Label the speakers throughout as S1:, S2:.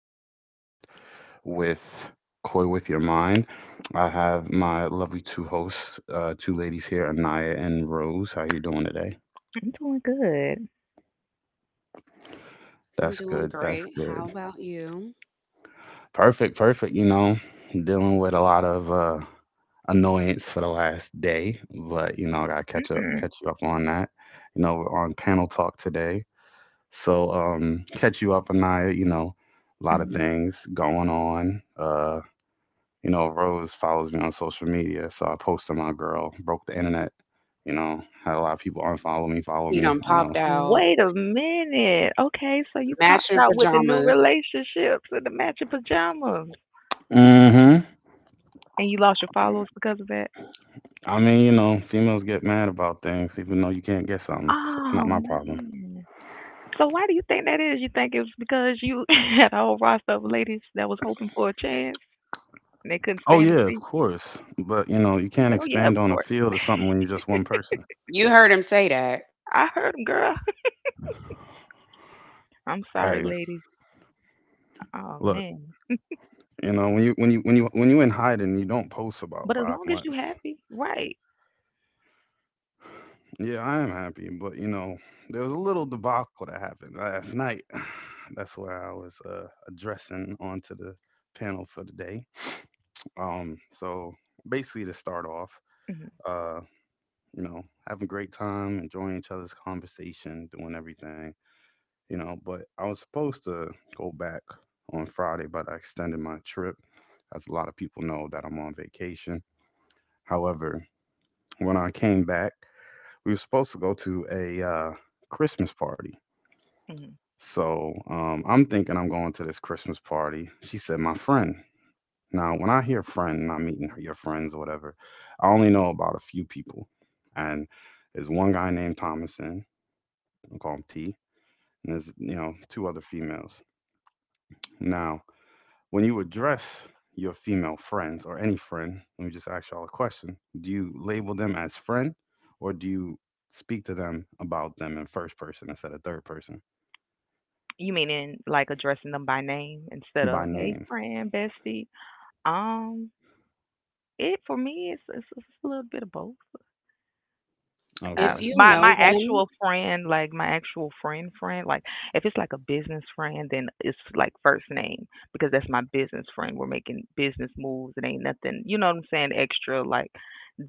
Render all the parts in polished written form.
S1: your host, with Coy with Your Mind. I have my lovely two hosts, two ladies here, Anaya and Rose. How you doing today?
S2: I'm doing good.
S3: I
S1: That's
S3: am
S1: good.
S3: doing
S1: That's
S3: great.
S1: good.
S3: How about you?
S1: Perfect. Perfect. You know, dealing with a lot of annoyance for the last day, but you know, I gotta catch up,
S2: Mm-mm.
S1: catch you up on that. You know, we're on panel talk today. So catch you up, on Anaya. You know, a lot of
S2: mm.
S1: things going on. You know, Rose follows me on social media, so I posted my girl broke the internet. You know, had a lot of people unfollow me, follow
S3: He
S1: me.
S3: done
S1: You know.
S3: popped out,
S2: Wait a minute. Okay, so you popped
S3: matching
S2: out with the new
S3: pajamas.
S2: relationships and the matching pajamas,
S1: Hmm.
S2: and you lost your followers because of that.
S1: I mean, you know, females get mad about things, even though you can't get something. So it's not
S2: Oh
S1: my problem.
S2: man. So why do you think that is? You think it was because you had a whole roster of ladies that was hoping for a chance and they couldn't
S1: Oh
S2: stand to
S1: yeah, of
S2: see?
S1: course. But you know, you
S2: You
S1: can't
S2: said, "Oh yeah,
S1: expand
S2: of
S1: on a
S2: course.
S1: field or something when you're just one person.
S3: You heard him say that.
S2: I heard them, girl." I'm sorry,
S1: Hey,
S2: ladies. Oh
S1: look,
S2: man.
S1: you know, when you in hiding, you don't post about
S2: But as
S1: five
S2: long as you
S1: months.
S2: happy, right?
S1: Yeah, I am happy, but you know, there was a little debacle that happened last night. That's where I was addressing onto the panel for the day. So basically, to start off,
S2: Mhm,
S1: uh, you know, having a great time, enjoying each other's conversation, doing everything, you know. But I was supposed to go back on Friday, but I extended my trip, as a lot of people know that I'm on vacation. However, when I came back, we were supposed to go to a Christmas party.
S2: mhm.
S1: So I'm thinking I'm going to this Christmas party. She said, my friend. Now, when I hear friend, and I'm meeting your friends or whatever, I only know about a few people. And there's one guy named Thomason, I'll call him T, and there's, you know, two other females. Now, when you address your female friends or any friend, let me just ask y'all a question. Do you label them as friend, or do you speak to them about them in first person instead of third person
S2: You mean in like addressing them by name instead
S1: by
S2: of hey
S1: name?
S2: friend, bestie? Um, it for me it's a little bit of both.
S3: If
S1: Okay.
S3: you
S2: My
S3: know
S2: my
S3: them,
S2: actual friend, like my actual friend friend, like if it's like a business friend, then it's like first name because that's my business friend. We're making business moves. It ain't nothing, you know what I'm saying, extra like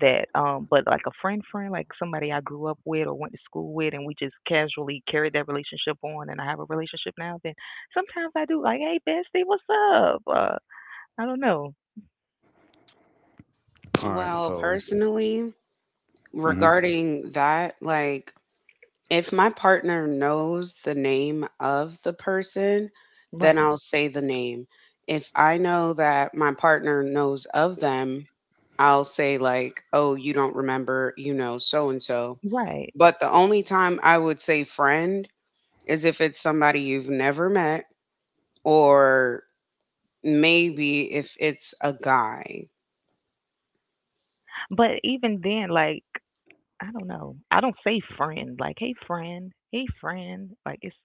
S2: that. But like a friend friend, like somebody I grew up with or went to school with, and we just casually carried that relationship on, and I have a relationship now. Then sometimes I do like, hey bestie, what's up? I don't know,
S1: All right.
S3: well,
S1: So,
S3: personally,
S1: mhm.
S3: regarding that, like if my partner knows the name of the person, then
S2: right,
S3: I'll say the name. If I know that my partner knows of them, I'll say, like, oh, you don't remember, so and so.
S2: right.
S3: But the only time I would say friend is if it's somebody you've never met or maybe if it's a guy.
S2: But even then, like. I don't know. I don't say friend. Like, hey friend, hey friend. Like, it's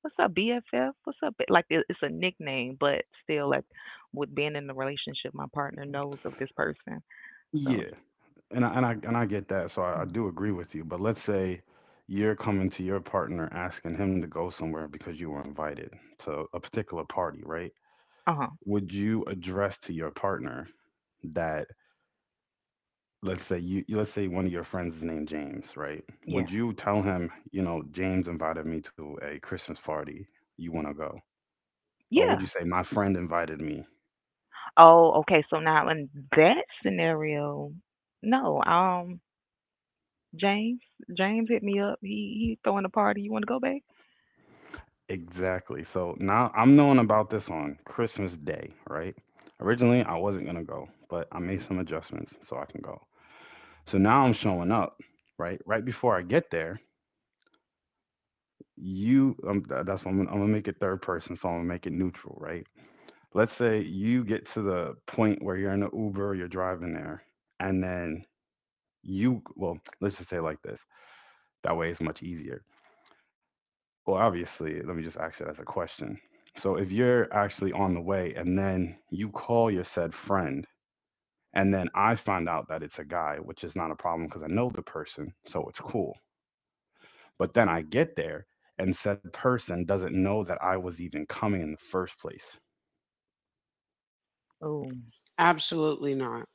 S2: what's up BFF? What's up? B-" Like, it's a nickname, but still, like, with being in the relationship, my partner knows of this person. So,
S1: Yeah, and I get that, so I do agree with you. But let's say you're coming to your partner asking him to go somewhere because you were invited to a particular party, right?
S2: uh huh,
S1: Would you address to your partner that, let's say let's say one of your friends is named James, right?
S2: yeah,
S1: Would you tell him, you know, James invited me to a Christmas party, you want to go? Or would you
S2: yeah.
S1: say my friend invited me.
S2: Oh, okay. So now in that scenario, no. James, James hit me up. He throwing a party. You want to go, babe?
S1: Exactly. So now I'm knowing about this on Christmas Day, right? Originally, I wasn't going to go, but I made some adjustments so I can go. So now I'm showing up, right? Right before I get there, that's what I'm going to make it third person. So I'm going to make it neutral, right? Let's say you get to the point where you're in an Uber, you're driving there, and then you, well, let's just say like this. That way it's much easier. Well, obviously, let me just ask it as a question. So if you're actually on the way and then you call your said friend, and then I find out that it's a guy, which is not a problem because I know the person, so it's cool. But then I get there and said person doesn't know that I was even coming in the first place.
S2: Oh.
S3: Absolutely not.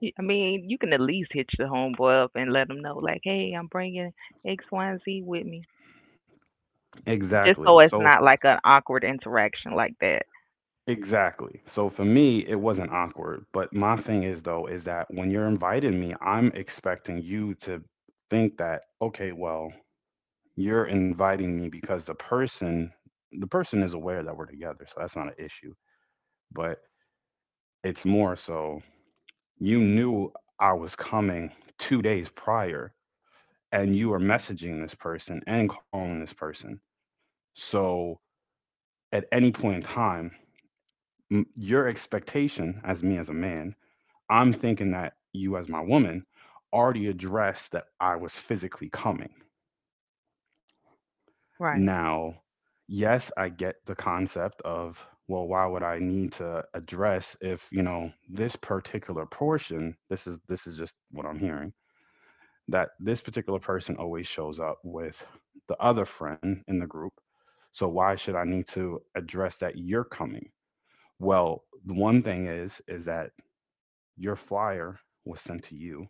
S2: Y- I mean, you can at least hitch the homeboy up and let him know, like, hey, I'm bringing X, Y, and Z with me, just so
S1: Exactly.
S2: it's
S1: So
S2: not like an awkward interaction like that.
S1: exactly. So for me, it wasn't awkward. But my thing is though, is that when you're inviting me, I'm expecting you to think that, okay, well, you're inviting me because the person is aware that we're together, so that's not an issue, but it's more so you knew I was coming 2 days prior, and you were messaging this person and calling this person. So at any point in time, your expectation as me as a man, I'm thinking that you as my woman already addressed that I was physically coming.
S2: Right.
S1: Now, yes, I get the concept of, well, why would I need to address if, you know, this particular portion, this is just what I'm hearing, that this particular person always shows up with the other friend in the group. So why should I need to address that you're coming? Well, the one thing is that your flyer was sent to you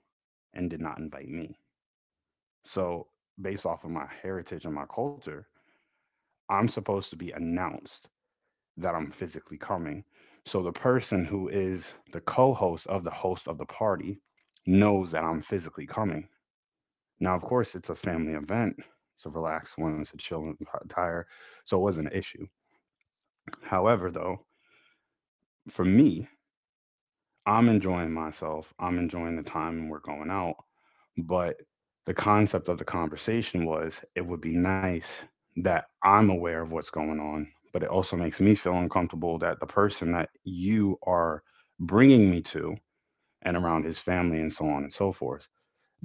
S1: and did not invite me. So, based off of my heritage and my culture, I'm supposed to be announced that I'm physically coming. So the person who is the co host of the party knows that I'm physically coming. Now, of course, it's a family event. It's a relaxed one, it's a chill entire. So it wasn't an issue. However, though, for me, I'm enjoying myself. I'm enjoying the time and we're going out. But the concept of the conversation was it would be nice that I'm aware of what's going on, but it also makes me feel uncomfortable that the person that you are bringing me to and around his family and so on and so forth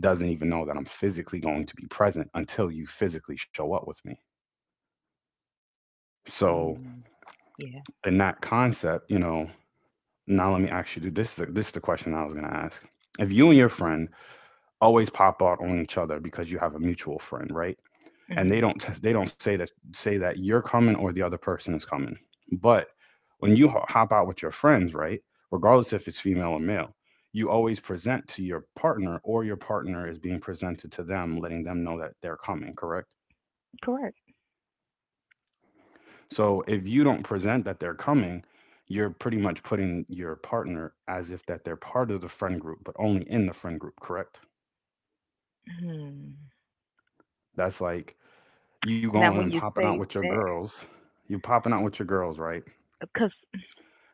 S1: doesn't even know that I'm physically going to be present until you physically show up with me. So,
S2: Mm-hmm. Yeah.
S1: in that concept, you know, now let me actually do this. Is this is the question I was going to ask. If you and your friend always pop out on each other because you have a mutual friend, right? And
S2: Hmm.
S1: they don't say that you're coming or the other person is coming. But when you hop out with your friends, right, regardless if it's female or male, you always present to your partner or your partner is being presented to them, letting them know that they're coming, correct?
S2: Correct.
S1: So if you don't present that they're coming, you're pretty much putting your partner as if that they're part of the friend group, but only in the friend group, correct?
S2: Hmm.
S1: That's like you
S2: Now,
S1: going
S2: when
S1: and
S2: you
S1: popping out
S2: say
S1: with your
S2: that,
S1: girls, right?
S2: because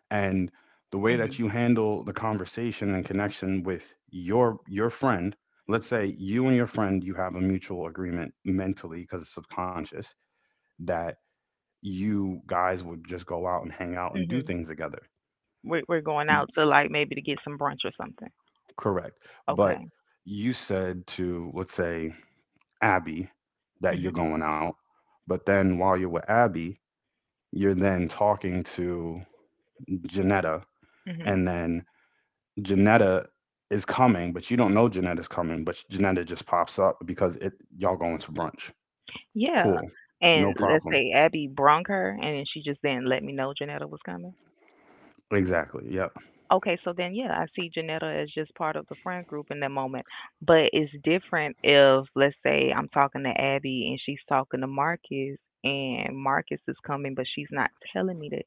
S1: And the way
S2: hmm
S1: that you handle the conversation and connection with your friend, let's say you and your friend, you have a mutual agreement mentally because it's subconscious that you guys would just go out and hang out and do
S2: hmm
S1: things together.
S2: we're going out to like maybe to get some brunch or something.
S1: Correct. But
S2: Okay.
S1: you said to, let's say Abby, that you're
S2: Hmm.
S1: going out, but then while you're with Abby, you're then talking to Janetta,
S2: Hmm.
S1: and then Janetta is coming, but you don't know Janetta's coming, but Janetta just pops up because it y'all going to brunch.
S2: Yeah.
S1: Cool. No
S2: And let's
S1: problem.
S2: say Abby brung her, and then she just didn't let me know Janetta was coming.
S1: Exactly. Yep.
S2: Okay, so then yeah, I see Janetta as just part of the friend group in that moment. But it's different if let's say I'm talking to Abby and she's talking to Marcus and Marcus is coming but she's not telling me that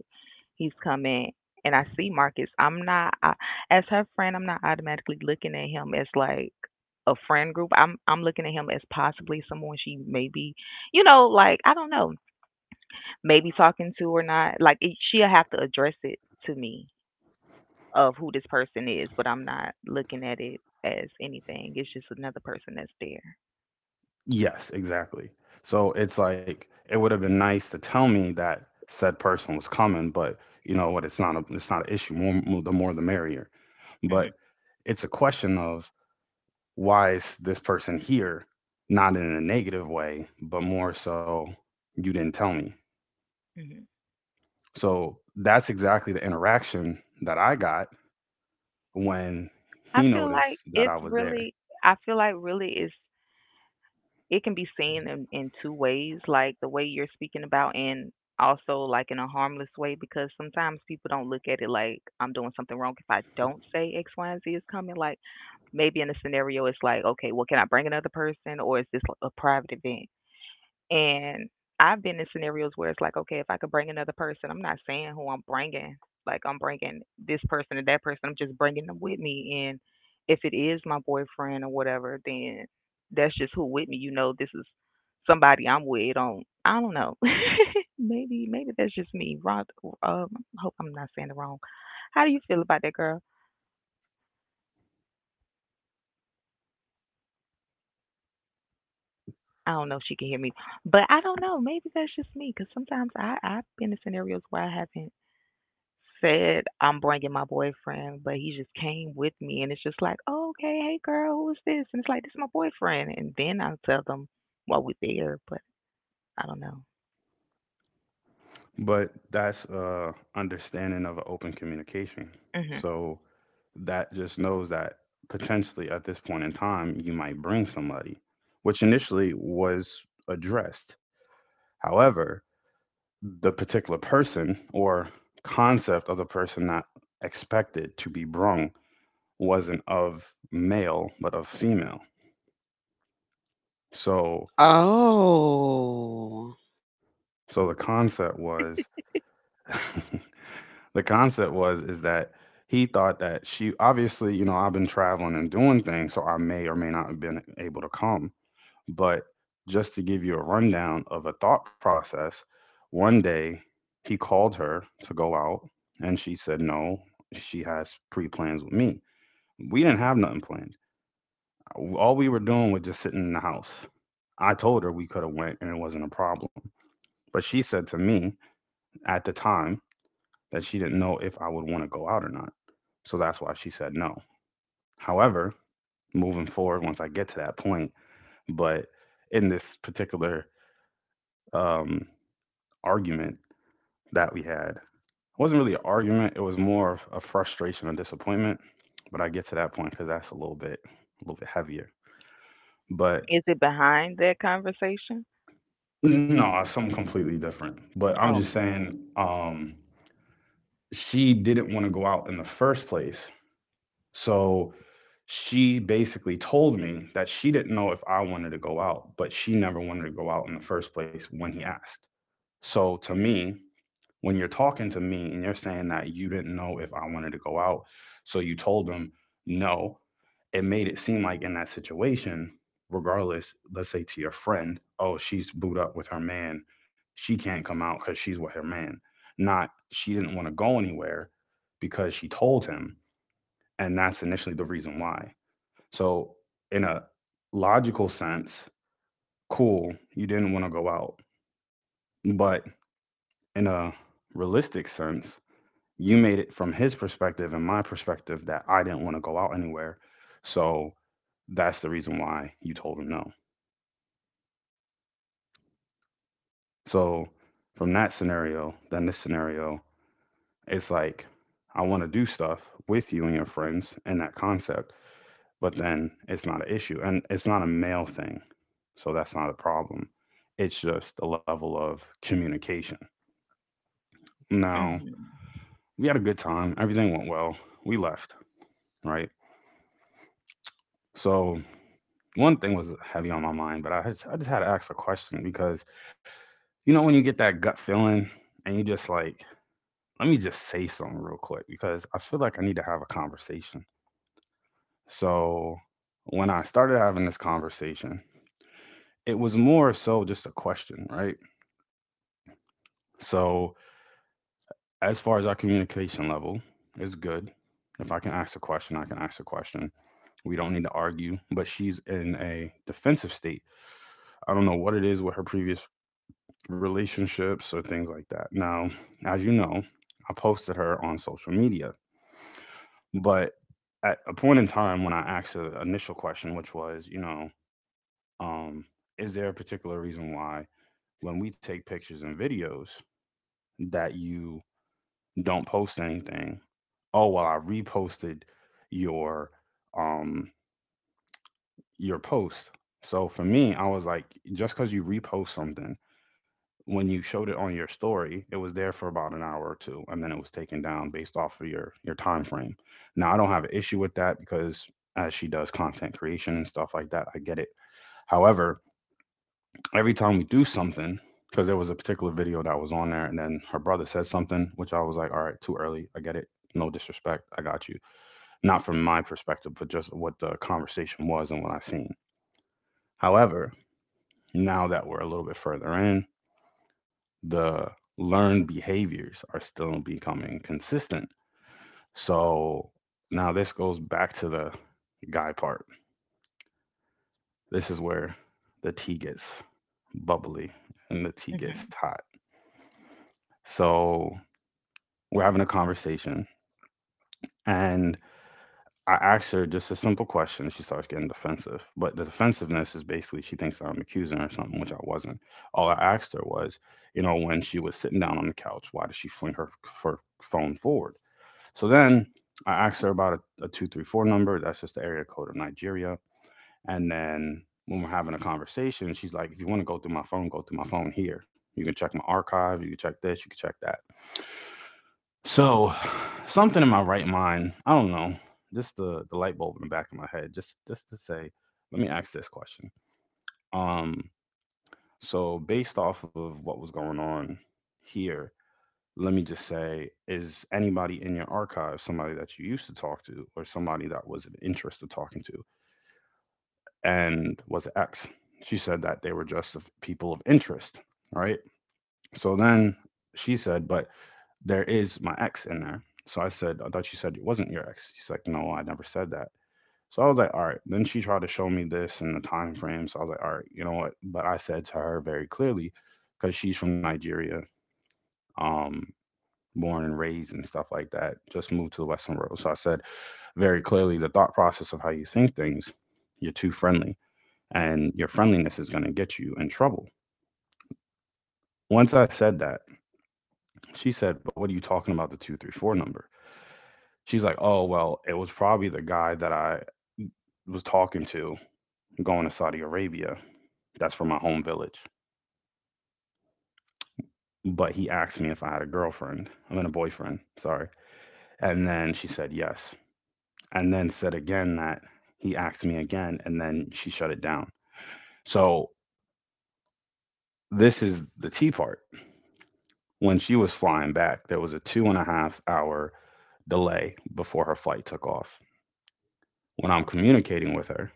S2: he's coming and I see Marcus. I'm not I, as her friend, I'm not automatically looking at him as like a friend group. I'm looking at him as possibly someone she maybe, like I don't know, maybe talking to or not. Like it, she'll have to address it to me of who this person is, but I'm not looking at it as anything. It's just another person that's there.
S1: Yes, exactly. So it's like it would have been nice to tell me that said person was coming, but you know what? It's not an issue. More, more the merrier. But
S2: Mhm.
S1: it's a question of why is this person here? Not in a negative way, but more so you didn't tell me.
S2: Mhm.
S1: So that's exactly the interaction that I got when
S2: I
S1: he
S2: feel like
S1: noticed
S2: it's
S1: that I was
S2: really,
S1: there.
S2: I feel like really it can be seen in two ways, like the way you're speaking about and also like in a harmless way, because sometimes people don't look at it like I'm doing something wrong if I don't say X, Y, and Z is coming. Like maybe in a scenario, it's like, okay, well, can I bring another person or is this like, a private event? And I've been in scenarios where it's like, okay, if I could bring another person, I'm not saying who I'm bringing. Like, I'm bringing this person and that person. I'm just bringing them with me. And if it is my boyfriend or whatever, then that's just who with me. You know, this is somebody I'm with. On I don't know. Maybe that's just me. Ron, um, I hope I'm not saying the wrong. How do you feel about that girl? I don't know if she can hear me, but I don't know. Maybe that's just me because sometimes I've been in scenarios where I haven't said I'm bringing my boyfriend, but he just came with me, and it's just like, oh, okay, hey girl, who is this? And it's like, this is my boyfriend, and then I'll tell them while we're there, but I don't know.
S1: But that's understanding of an open communication.
S2: Hmm.
S1: So that just knows that potentially at this point in time you might bring somebody, which initially was addressed. However, the particular person or concept of the person not expected to be brung wasn't of male but of female. So.
S3: Oh,
S1: So the concept was the concept was is that he thought that she obviously, you know, I've been traveling and doing things, so I may or may not have been able to come. But just to give you a rundown of a thought process, one day he called her to go out and she said no, she has pre plans with me. We didn't have nothing planned. All we were doing was just sitting in the house. I told her we could have went and it wasn't a problem. But she said to me at the time, that she didn't know if I would want to go out or not. So that's why she said no. However, moving forward, once I get to that point, but in this particular um, argument that we had, it wasn't really an argument, it was more of a frustration and disappointment. But I get to that point because that's a little bit heavier. But
S2: Is it behind that conversation?
S1: no, something completely different. But I'm
S2: Oh,
S1: just saying, she didn't want to go out in the first place. So she basically told me that she didn't know if I wanted to go out, but she never wanted to go out in the first place when he asked. So to me, when you're talking to me and you're saying that you didn't know if I wanted to go out, so you told him no, it made it seem like in that situation, regardless, let's say to your friend, oh, she's booed up with her man. She can't come out because she's with her man. Not she didn't want to go anywhere because she told him, and that's initially the reason why. So, in a logical sense, cool, you didn't want to go out, but in a realistic sense, you made it from his perspective and my perspective that I didn't want to go out anywhere. So, that's the reason why you told him no. So, from that scenario, then this scenario, it's like, I want to do stuff with you and your friends in that concept. But then it's not an issue and it's not a male thing, so that's not a problem. It's just the level of communication now.
S2: mhm,
S1: We had a good time, everything went well, we left, right? So one thing was heavy on my mind, but I just had to ask a question because you know when you get that gut feeling and you just like, let me just say something real quick because I feel like I need to have a conversation. So when I started having this conversation, it was more so just a question, right? So as far as our communication level is good. If I can ask a question, I can ask a question. We don't need to argue, but she's in a defensive state. I don't know what it is with her previous relationships or things like that. Now, as you know, I posted her on social media, but at a point in time when I asked the initial question, which was, um, is there a particular reason why when we take pictures and videos that you don't post anything? Oh well, I reposted your um your post. So for me, I was like, just because you repost something, when you showed it on your story, it was there for about an hour or two, and then it was taken down based off of your time frame. Now I don't have an issue with that because as she does content creation and stuff like that, I get it. However, every time we do something, because there was a particular video that was on there, and then her brother said something, which I was like, all right, too early. I get it. No disrespect. I got you, not from my perspective, but just what the conversation was and what I've seen. However, now that we're a little bit further in, the learned behaviors are still becoming consistent. So now this goes back to the guy part. This is where the tea gets bubbly and the tea
S2: mhm.
S1: gets hot. So we're having a conversation, and I asked her just a simple question. She starts getting defensive. But the defensiveness is basically she thinks I'm accusing her of something, which I wasn't. All I asked her was, you know, when she was sitting down on the couch, why did she fling her phone forward? So then I asked her about a 234 number. That's just the area code of Nigeria. And then when we're having a conversation, she's like, if you want to go through my phone, go through my phone here. You can check my archive. You can check this. You can check that. So, something in my right mind, I don't know, just the light bulb in the back of my head, just to say, let me ask this question. Um, so based off of what was going on here, let me just say, is anybody in your archive somebody that you used to talk to or somebody that was of interest to talking to? And was it X? She said that they were just of people of interest, right? So then she said, but there is my ex in there. So I said, I thought you said it wasn't your ex. She's like, no, I never said that. So I was like, all right. Then she tried to show me this and the time frame. So I was like, all right, you know what? But I said to her very clearly, because she's from Nigeria, um, born and raised and stuff like that, just moved to the Western world. So I said very clearly the thought process of how you think things, you're too friendly, and your friendliness is going to get you in trouble. Once I said that, she said, but what are you talking about the 234 number? She's like, oh, well, it was probably the guy that I was talking to going to Saudi Arabia. That's from my home village. But he asked me if I had a girlfriend. I mean, a boyfriend, sorry. And then she said yes. And then said again that he asked me again. And then she shut it down. So this is the tea part. When she was flying back, there was a 2.5 hour delay before her flight took off. When I'm communicating with her,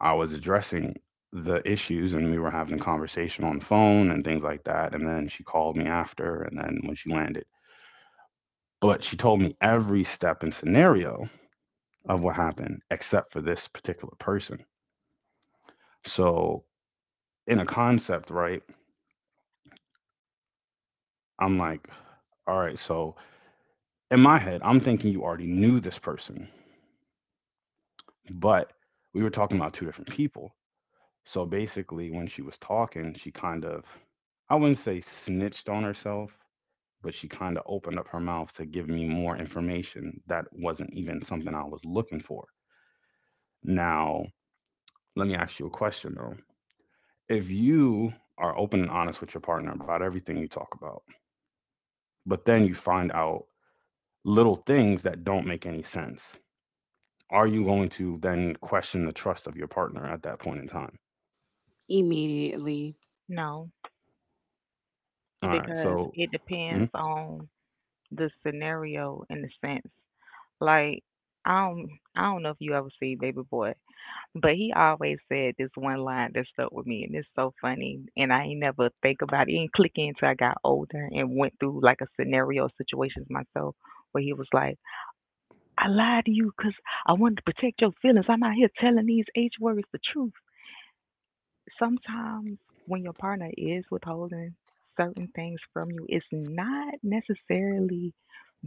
S1: I was addressing the issues, and we were having a conversation on the phone and things like that. And then she called me after and then when she landed. But she told me every step and scenario of what happened except for this particular person. So, in a concept, right? I'm like, all right, so in my head, I'm thinking you already knew this person, but we were talking about two different people. So basically, when she was talking, she kind of, I wouldn't say snitched on herself, but she kind of opened up her mouth to give me more information that wasn't even something I was looking for. Now, let me ask you a question though. If you are open and honest with your partner about everything you talk about, but then you find out little things that don't make any sense, are you going to then question the trust of your partner at that point in time?
S3: immediately.
S2: No,
S1: All right,
S2: because
S1: so,
S2: it
S1: mhm,
S2: depends on the scenario in the sense. Like I don't, I don't know if you ever see Baby Boy, but he always said this one line that stuck with me, and it's so funny. And I ain't never think about it. It didn't click in until I got older and went through like a scenario situations myself where he was like, I lied to you 'cause I wanted to protect your feelings. I'm out here telling these H words the truth sometimes when your partner is withholding certain things from you, it's not necessarily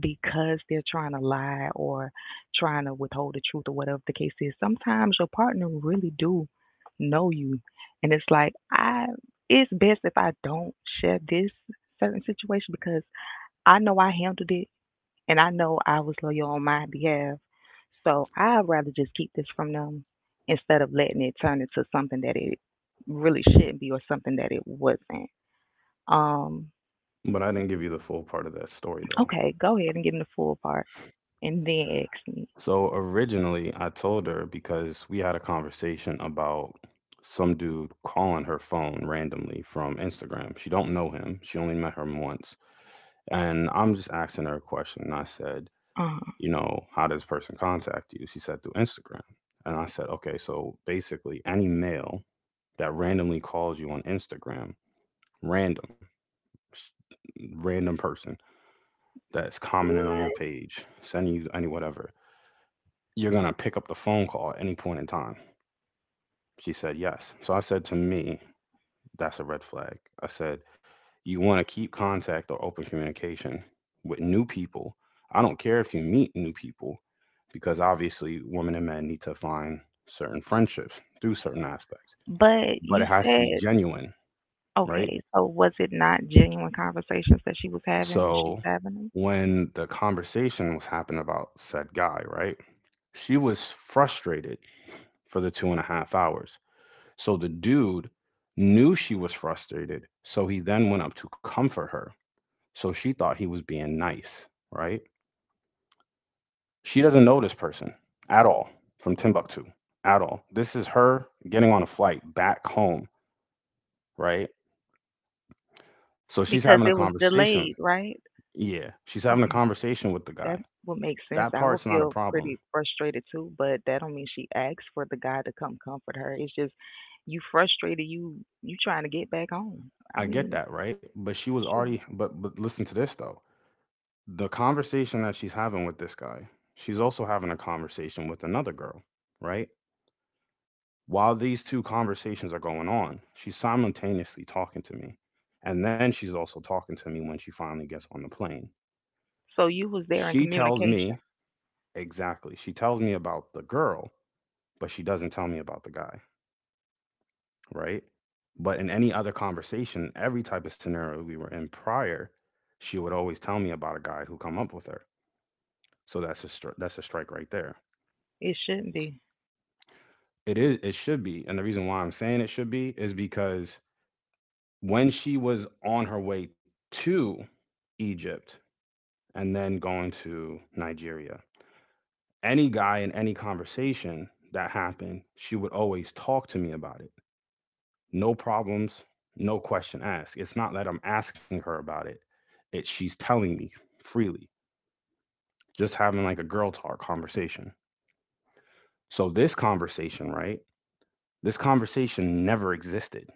S2: because they're trying to lie or trying to withhold the truth or whatever the case is. Sometimes your partner really do know you, and it's like I. It's best if I don't share this certain situation because I know I handled it and I know I was loyal on my behalf so I'd rather just keep this from them instead of letting it turn into something that it really shouldn't be or something that it wasn't. Um,
S1: but I didn't give you the full part of that story though.
S2: okay, go ahead and give me the full part and then ask me.
S1: So originally, I told her because we had a conversation about some dude calling her phone randomly from Instagram. She don't know him. She only met him once. And I'm just asking her a question. And I said,
S2: Uh-huh.
S1: you know, how does person contact you? She said through Instagram. And I said, okay, so basically any male that randomly calls you on Instagram, random, s- random person that's commenting on your page, sending you any whatever, you're gonna pick up the phone call at any point in time. She said, yes. So I said, to me, that's a red flag. I said, you want to keep contact or open communication with new people. I don't care if you meet new people because obviously women and men need to find certain friendships through certain aspects,
S2: But
S1: but
S2: you
S1: it has to be
S2: said,
S1: genuine, right?
S2: okay, so was it not genuine conversations that she was having when she
S1: So
S2: was having them?
S1: when the conversation was happening about said guy, right? She was frustrated for the 2.5 hours. So the dude knew she was frustrated. So he then went up to comfort her. So she thought he was being nice, right? She doesn't know this person at all, from Timbuktu, at all. This is her getting on a flight back home, right? So she's
S2: Because
S1: having a
S2: it was
S1: conversation.
S2: delayed, right?
S1: Yeah, she's having a
S2: Okay.
S1: conversation with the
S2: That
S1: guy.
S2: would make sense.
S1: That
S2: I would
S1: part's not a
S2: feel pretty
S1: problem.
S2: frustrated too, but that don't mean she asked for the guy to come comfort her. It's just you frustrated, you trying to get back home. I
S1: I
S2: mean,
S1: get that, right? But she was
S2: shouldn't-
S1: already, but listen to this though. The conversation that she's having with this guy, she's also having a conversation with another girl, right? While these two conversations are going on, she's simultaneously talking to me. And then she's also talking to me when she finally gets on the plane.
S2: so you was there in
S1: She tells
S2: communication.
S1: me exactly. She tells me about the girl, but she doesn't tell me about the guy, right? But in any other conversation, every type of scenario we were in prior, she would always tell me about a guy who come up with her. So that's a strike right there.
S2: It shouldn't be.
S1: It should be, and the reason why I'm saying it should be is because when she was on her way to Egypt and then going to Nigeria, any guy in any conversation that happened, she would always talk to me about it. No problems, no question asked. It's not that I'm asking her about it, it's she's telling me freely, just having like a girl talk conversation. So, this conversation, right? This conversation never existed.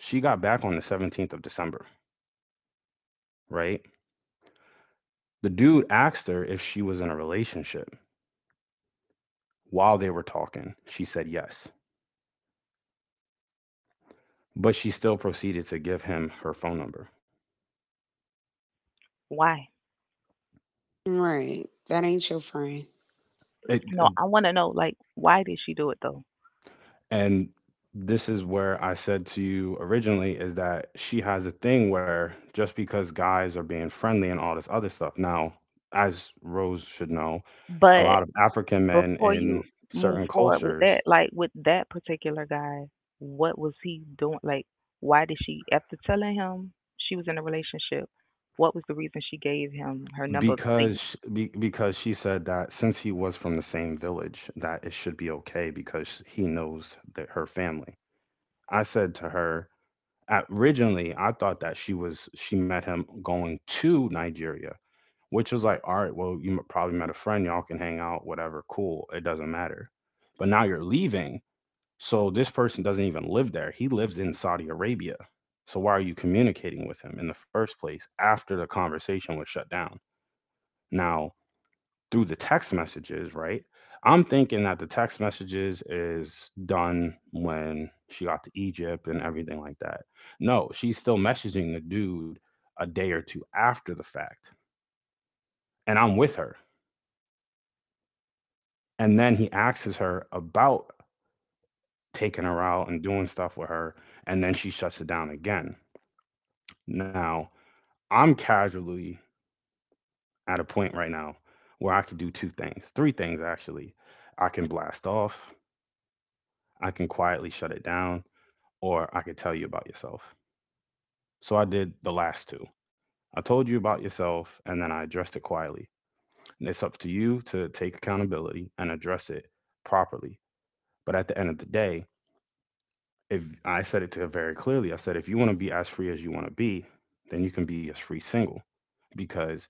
S1: She got back on the 17th of December, right? The dude asked her if she was in a relationship. While they were talking, she said yes, but she still proceeded to give him her phone number.
S2: Why?
S3: Right. That ain't your friend.
S1: It,
S2: No, I want to know like why did she do it though?
S1: and this is where I said to you originally is that she has a thing where just because guys are being friendly and all this other stuff. Now, as Rose should know, a
S2: But
S1: lot of African men
S2: before
S1: in
S2: you move
S1: certain
S2: forward with
S1: cultures,
S2: that, like with that particular guy, what was he doing? Like, why did she, after telling him she was in a relationship, what was the reason she gave him her number?
S1: because because she said that since he was from the same village that it should be okay because he knows that her family. I said to her originally I thought that she met him going to Nigeria, which was like, all right, well, probably met a friend, y'all can hang out, whatever, cool, it doesn't matter. But now you're leaving, so this person doesn't even live there. He lives in Saudi Arabia. So why are you communicating with him in the first place after the conversation was shut down? Now through the text messages, right? I'm thinking that the text messages is done when she got to Egypt and everything like that. No, she's still messaging the dude a day or two after the fact. And I'm with her. And then he asks her about taking her out and doing stuff with her. And then she shuts it down again. Now, I'm casually at a point right now where I could do two things, three things actually. I can blast off, I can quietly shut it down, or I could tell you about yourself. So I did the last two. I told you about yourself and then I addressed it quietly. And it's up to you to take accountability and address it properly. But at the end of the day, if I said it to her very clearly, I said, if you want to be as free as you want to be, then you can be as free single because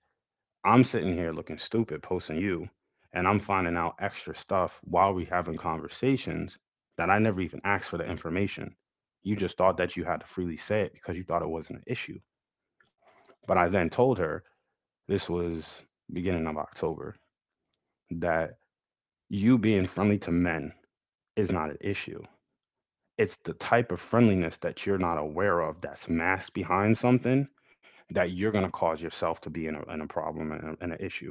S1: I'm sitting here looking stupid posting you and I'm finding out extra stuff while we having conversations that I never even asked for the information. You just thought that you had to freely say it because you thought it wasn't an issue. But I then told her this was beginning of October that you being friendly to men is not an issue. It's the type of friendliness that you're not aware of that's masked behind something that you're going to cause yourself to be in a problem and an issue.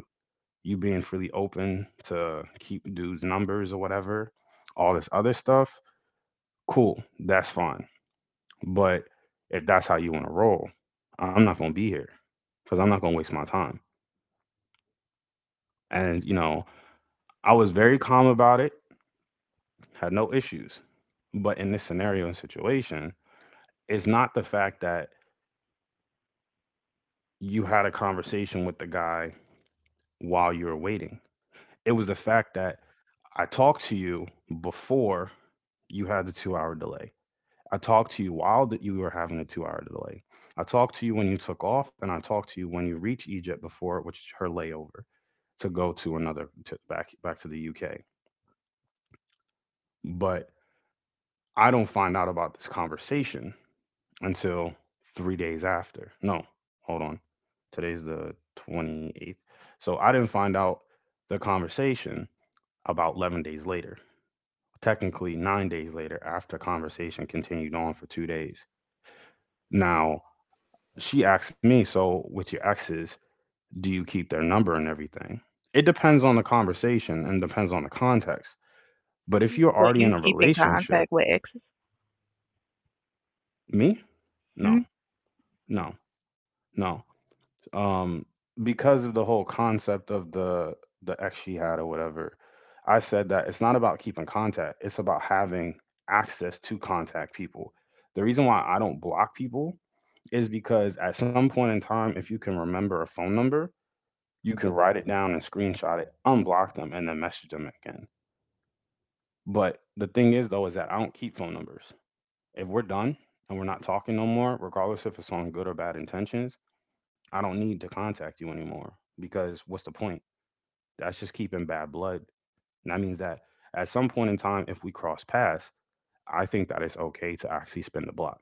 S1: You being freely open to keep dudes' numbers or whatever, all this other stuff, cool, that's fine. But if that's how you want to roll, I'm not going to be here because I'm not going to waste my time. And, you know, I was very calm about it, had no issues. But in this scenario and situation, it's not the fact that you had a conversation with the guy while you were waiting. It was the fact that I talked to you before you had the 2-hour delay. I talked to you while that you were having a 2-hour delay. I talked to you when you took off, and I talked to you when you reached Egypt before, which is her layover to go to another to back back to the UK. But I don't find out about this conversation until 3 days after. No, hold on. Today's the 28th. So I didn't find out the conversation about 11 days later, technically 9 days later, after conversation continued on for 2 days. Now, she asked me, so with your exes, do you keep their number and everything? It depends on the conversation and depends on the context. But if you're
S2: So
S1: already
S2: you
S1: in a
S2: keep in
S1: relationship,
S2: contact with exes?
S1: me?
S2: Mm,
S1: No, no, no. um because of the whole concept of the ex she had or whatever, I said that it's not about keeping contact, it's about having access to contact people. The reason why I don't block people is because at some point in time, if you can remember a phone number, you can write it down and screenshot it, unblock them and then message them again. But the thing is though is that I don't keep phone numbers. If we're done and we're not talking no more, regardless if it's on good or bad intentions, I don't need to contact you anymore because what's the point? That's just keeping bad blood. And that means that at some point in time, if we cross paths, I think that it's okay to actually spin the block.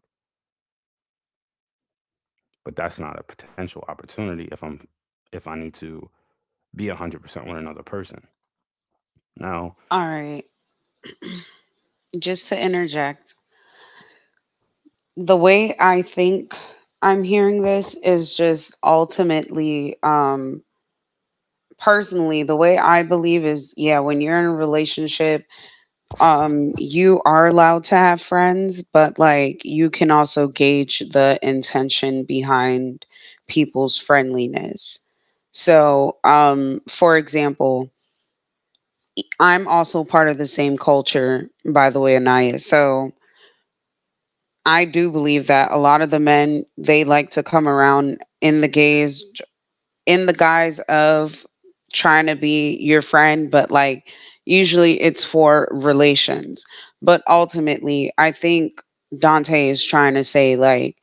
S1: But that's not a potential opportunity if I need to be 100% with another person. Now,
S3: All right. Just to interject, the way I'm hearing this is just ultimately, personally, the way I believe is yeah, when you're in a relationship, you are allowed to have friends, but like you can also gauge the intention behind people's friendliness. So for example, I'm also part of the same culture, by the way, Anaya. So I do believe that a lot of the men, they like to come around in the gays, in the guise of trying to be your friend, but like usually it's for relations. But ultimately, I think Dante is trying to say like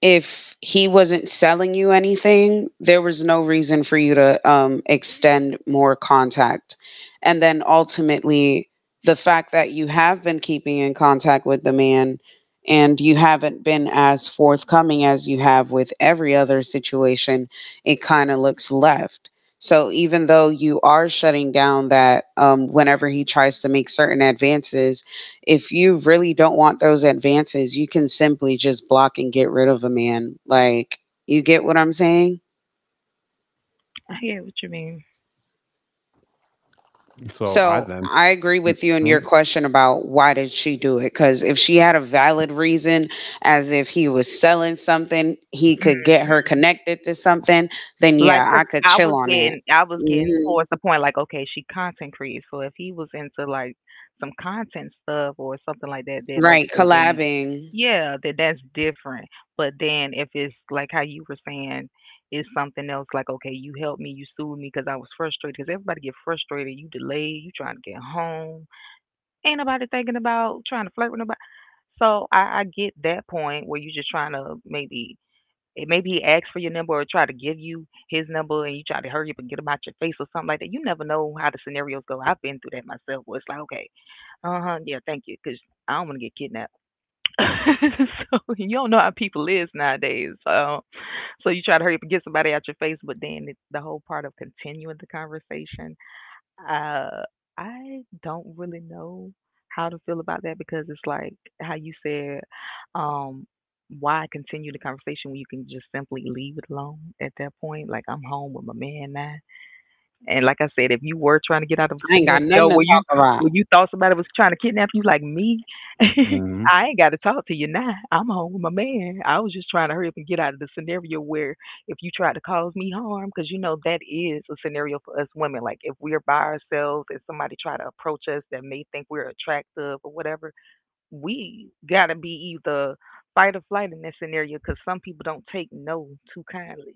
S3: if he wasn't selling you anything, there was no reason for you to, extend more contact, and then ultimately, the fact that you have been keeping in contact with the man and you haven't been as forthcoming as you have with every other situation, it kinda looks left. So even though you are shutting down that, whenever he tries to make certain advances, if you really don't want those advances, you can simply just block and get rid of a man. Like, you get what I'm saying?
S2: I hear what you mean.
S1: so I
S3: So,
S1: then,
S3: I agree with you in your
S1: mhm,
S3: question about why did she do it? Because if she had a valid reason, as if he was selling something, he could get her connected to something, then
S2: Like,
S3: yeah,
S2: 'cause
S3: I could chill on it.
S2: I was getting
S3: Hmm.
S2: towards the point like, okay, she content creates, so if he was into like some content stuff or something like that, then
S3: Right,
S2: okay, then
S3: collabing.
S2: yeah, then that's different. But then if it's like how you were saying, it's something else like, okay, you helped me, you soothed me because I was frustrated. Because everybody get frustrated, you delayed, you trying to get home, ain't nobody thinking about trying to flirt with nobody. So I get that point where you're just trying to maybe maybe he asked for your number or tried to give you his number and you try to hurry up and get him out your face or something like that. You never know how the scenarios go. I've been through that myself where it's like, okay, uh huh, yeah, thank you, cause I don't want to get kidnapped. So you don't know how people is nowadays. So, so you try to hurry up and get somebody out your face, but then it's the whole part of continuing the conversation. uh, I don't really know how to feel about that because it's like how you said, um, why continue the conversation when you can just simply leave it alone at that point? Like I'm home with my man now. And like I said, if you were trying to get out of a
S3: I ain't got
S2: scenario
S3: nothing to talk about.
S2: where you thought somebody was trying to kidnap you, like me,
S1: mhm.
S2: I ain't got to talk to you now. I'm home with my man. I was just trying to hurry up and get out of the scenario where if you tried to cause me harm, because you know that is a scenario for us women. Like if we're by ourselves and somebody try to approach us that may think we're attractive or whatever, we gotta be either fight or flight in this scenario because some people don't take no too kindly.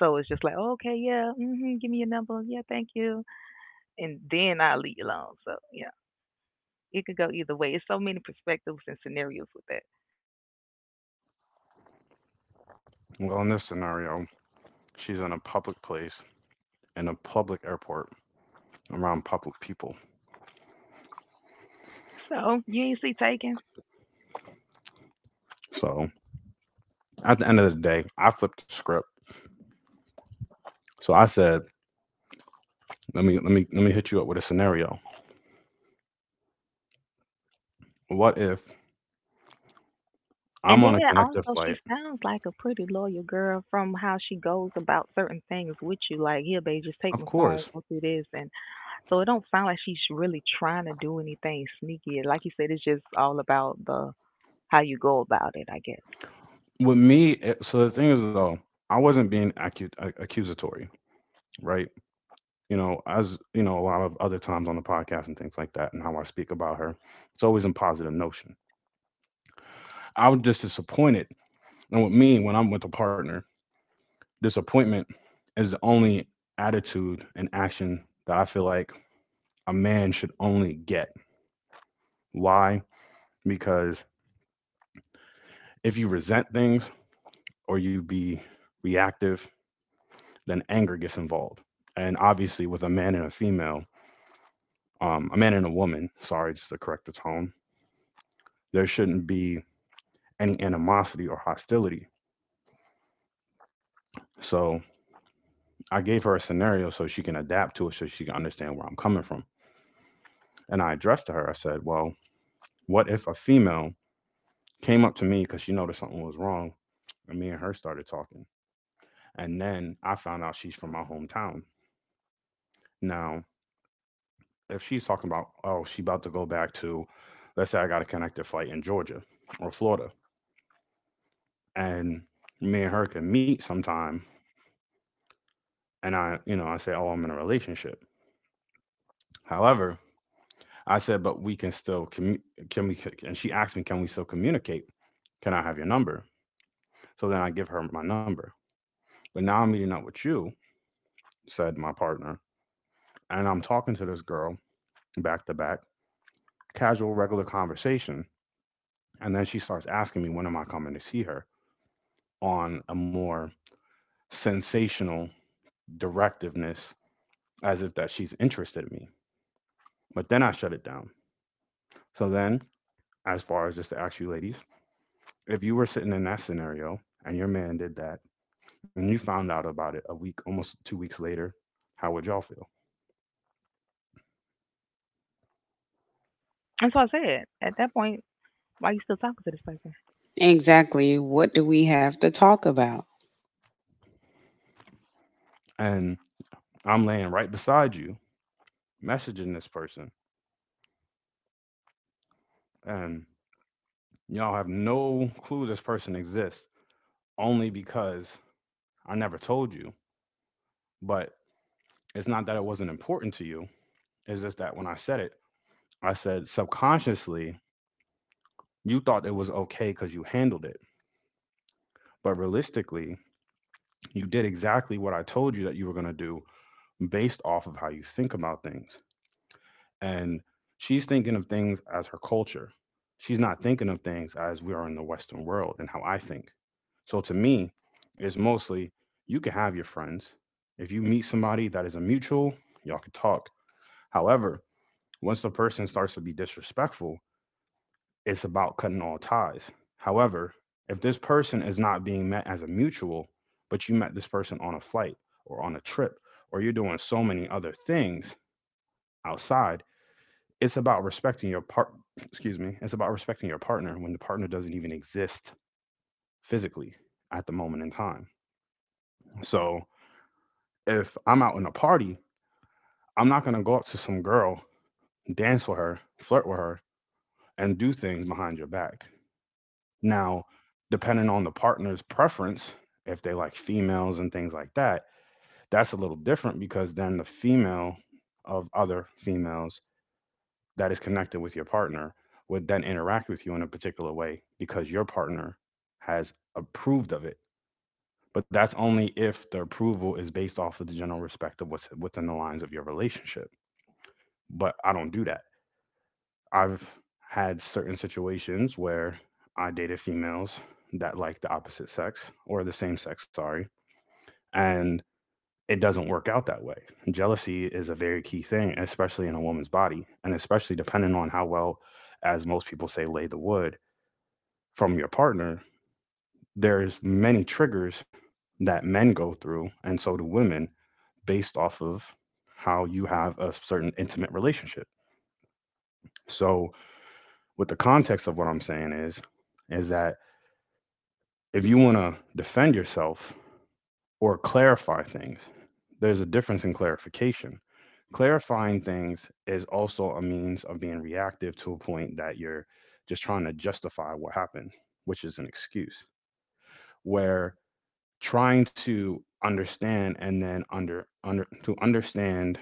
S2: So it's just like, oh, okay, yeah, hmm, give me your number, yeah, thank you, and then I'll leave you alone. So yeah, it could go either way. It's so many perspectives and scenarios with that.
S1: Well, in this scenario, she's in a public place, in a public airport, around public people.
S2: So you ain't see Taken.
S1: So at the end of the day, I flipped the script. So I said, let me hit you up with a scenario. What if
S2: And
S1: I'm
S2: then
S1: on a connector
S2: also, she
S1: flight?
S2: sounds like a pretty loyal girl from how she goes about certain things with you. Like, here, babe, just
S1: Of
S2: take my
S1: course.
S2: phone, go through this, and so it don't sound like she's really trying to do anything sneaky. Like you said, it's just all about the how you go about it, I guess.
S1: With me, so the thing is though, I wasn't being accusatory, right? You know, as you know, a lot of other times on the podcast and things like that, and how I speak about her, it's always in positive notion. I was just disappointed, and with me, when I'm with a partner, disappointment is the only attitude and action that I feel like a man should only get. Why? Because if you resent things, or you be reactive, then anger gets involved. And obviously, with a man and a female, a man and a woman, sorry, just to correct the tone, there shouldn't be any animosity or hostility. So I gave her a scenario so she can adapt to it, so she can understand where I'm coming from. And I addressed to her, I said, well, what if a female came up to me because she noticed something was wrong? And me and her started talking. And then I found out she's from my hometown. Now, if she's talking about oh she about to go back to, let's say I got a connected flight in Georgia or Florida, and me and her can meet sometime, and I you know I say oh I'm in a relationship, however, I said but we can still commu- can we and she asked me, can we still communicate, can I have your number? So then I give her my number, but now I'm meeting up with you, said my partner, and I'm talking to this girl back to back, casual regular conversation, and then she starts asking me when am I coming to see her on a more sensational directiveness as if that she's interested in me. But then I shut it down. So then, as far as just to ask you ladies, if you were sitting in that scenario and your man did that and you found out about it a week, almost 2 weeks later, how would y'all feel?
S2: And so I said, at that point, why you still talking to this person?
S3: Exactly. What do we have to talk about?
S1: And I'm laying right beside you, messaging this person, and y'all have no clue this person exists only because I never told you. But it's not that it wasn't important to you, it's just that when I said it, I said, subconsciously, you thought it was okay because you handled it. But realistically, you did exactly what I told you that you were going to do based off of how you think about things. And she's thinking of things as her culture. She's not thinking of things as we are in the Western world and how I think. So to me, it's mostly you can have your friends. If you meet somebody that is a mutual, y'all can talk. However, once the person starts to be disrespectful, it's about cutting all ties. However, if this person is not being met as a mutual, but you met this person on a flight or on a trip, or you're doing so many other things outside, it's about respecting your part. Excuse me. It's about respecting your partner when the partner doesn't even exist physically at the moment in time. So if I'm out in a party, I'm not gonna go up to some girl, dance with her, flirt with her, and do things behind your back. Now, depending on the partner's preference, if they like females and things like that, that's a little different because then the female of other females that is connected with your partner would then interact with you in a particular way because your partner has approved of it. But that's only if the approval is based off of the general respect of what's within the lines of your relationship. But I don't do that. I've had certain situations where I dated females that like the opposite sex or the same sex, sorry, and it doesn't work out that way. Jealousy is a very key thing, especially in a woman's body, and especially depending on how well, as most people say, lay the wood from your partner. There's many triggers that men go through, and so do women, based off of how you have a certain intimate relationship. So, with the context of what I'm saying is that if you want to defend yourself or clarify things, there's a difference in clarification. Clarifying things is also a means of being reactive to a point that you're just trying to justify what happened, which is an excuse. Where trying to understand and then under under to understand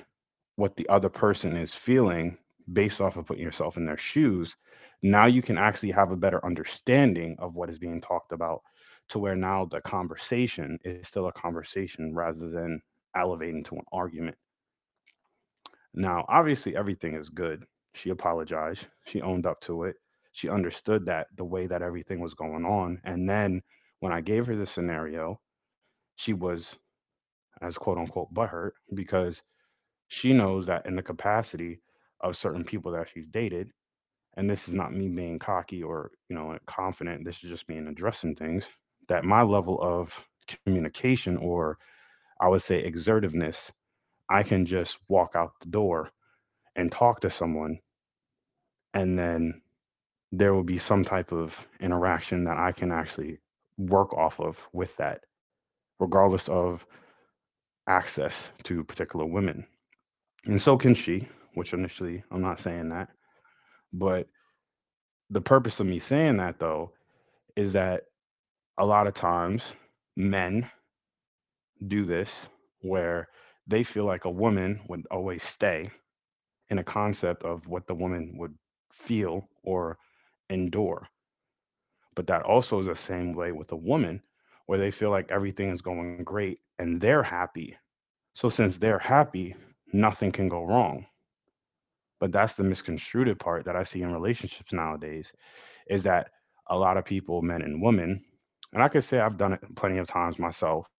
S1: what the other person is feeling based off of putting yourself in their shoes, now you can actually have a better understanding of what is being talked about to where now the conversation is still a conversation rather than elevating to an argument. Now, obviously, everything is good. She apologized, she owned up to it, she understood that the way that everything was going on. And then when I gave her the scenario, she was as quote unquote butthurt because she knows that in the capacity of certain people that she's dated, and this is not me being cocky or, confident, this is just me addressing things, that my level of communication or I would say exertiveness, I can just walk out the door and talk to someone and then there will be some type of interaction that I can actually work off of with that, regardless of access to particular women. And so can she, which initially I'm not saying that, but the purpose of me saying that though is that a lot of times men do this where they feel like a woman would always stay in a concept of what the woman would feel or endure. But that also is the same way with a woman where they feel like everything is going great and they're happy. So since they're happy, nothing can go wrong. But that's the misconstrued part that I see in relationships nowadays is that a lot of people, men and women, and I could say I've done it plenty of times myself,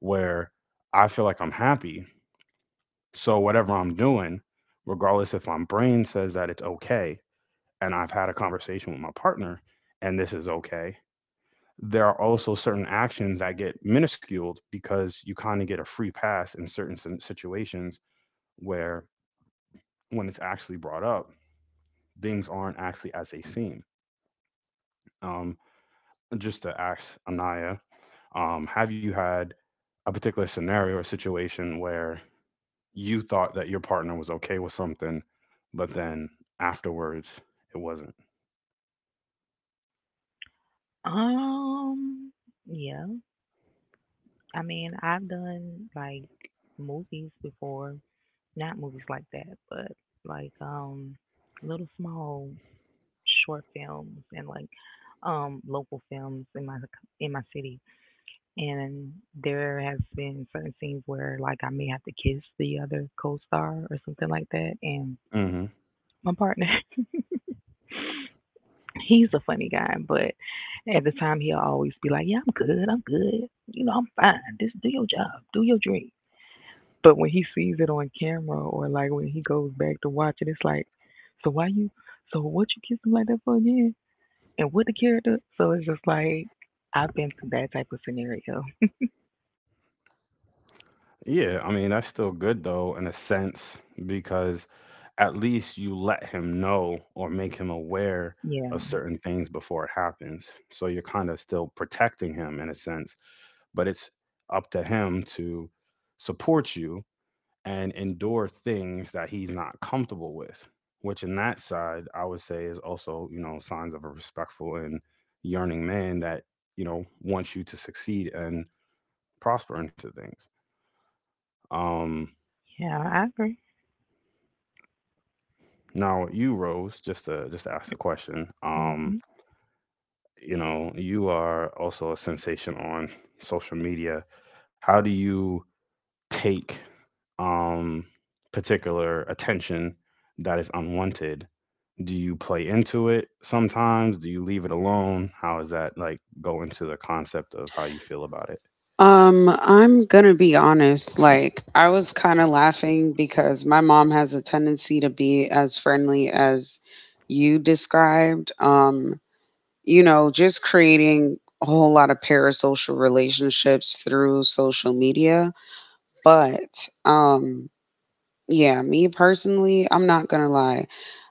S1: where I feel like I'm happy. So whatever I'm doing, regardless if my brain says that it's okay, and I've had a conversation with my partner and this is okay, there are also certain actions that get minusculed because you kind of get a free pass in certain situations where when it's actually brought up, things aren't actually as they seem. Um, just to ask Anaya, have you had a particular scenario or situation where you thought that your partner was okay with something, but then afterwards it wasn't?
S2: Um, yeah. I mean, I've done like movies before, not movies like that, but like little small short films and like local films in my city, and there has been certain scenes where like I may have to kiss the other co-star or something like that, and
S1: Hmm.
S2: my partner he's a funny guy, but at the time he'll always be like, yeah, I'm good, I'm good, you know, I'm fine, just do your job, do your dream. But when he sees it on camera or like when he goes back to watch it, it's like, so why you, so what you kiss him like that for again, and what the character. So it's just like I've been through that type of scenario.
S1: Yeah, I mean, that's still good though, in a sense, because at least you let him know or make him aware
S2: Yeah,
S1: of certain things before it happens. So you're kind of still protecting him in a sense, but it's up to him to support you and endure things that he's not comfortable with, which in that side I would say is also, signs of a respectful and yearning man that wants you to succeed and prosper into things. um
S2: yeah, I agree.
S1: Now you Rose, just to ask a question.
S2: Hmm.
S1: You know you are also a sensation on social media. How do you take um particular attention that is unwanted? Do you play into it sometimes? Do you leave it alone? How does that like go into the concept of how you feel about it?
S3: I'm gonna be honest. Like, I was kind of laughing because my mom has a tendency to be as friendly as you described. You know, just creating a whole lot of parasocial relationships through social media. But yeah, me personally, I'm not gonna lie.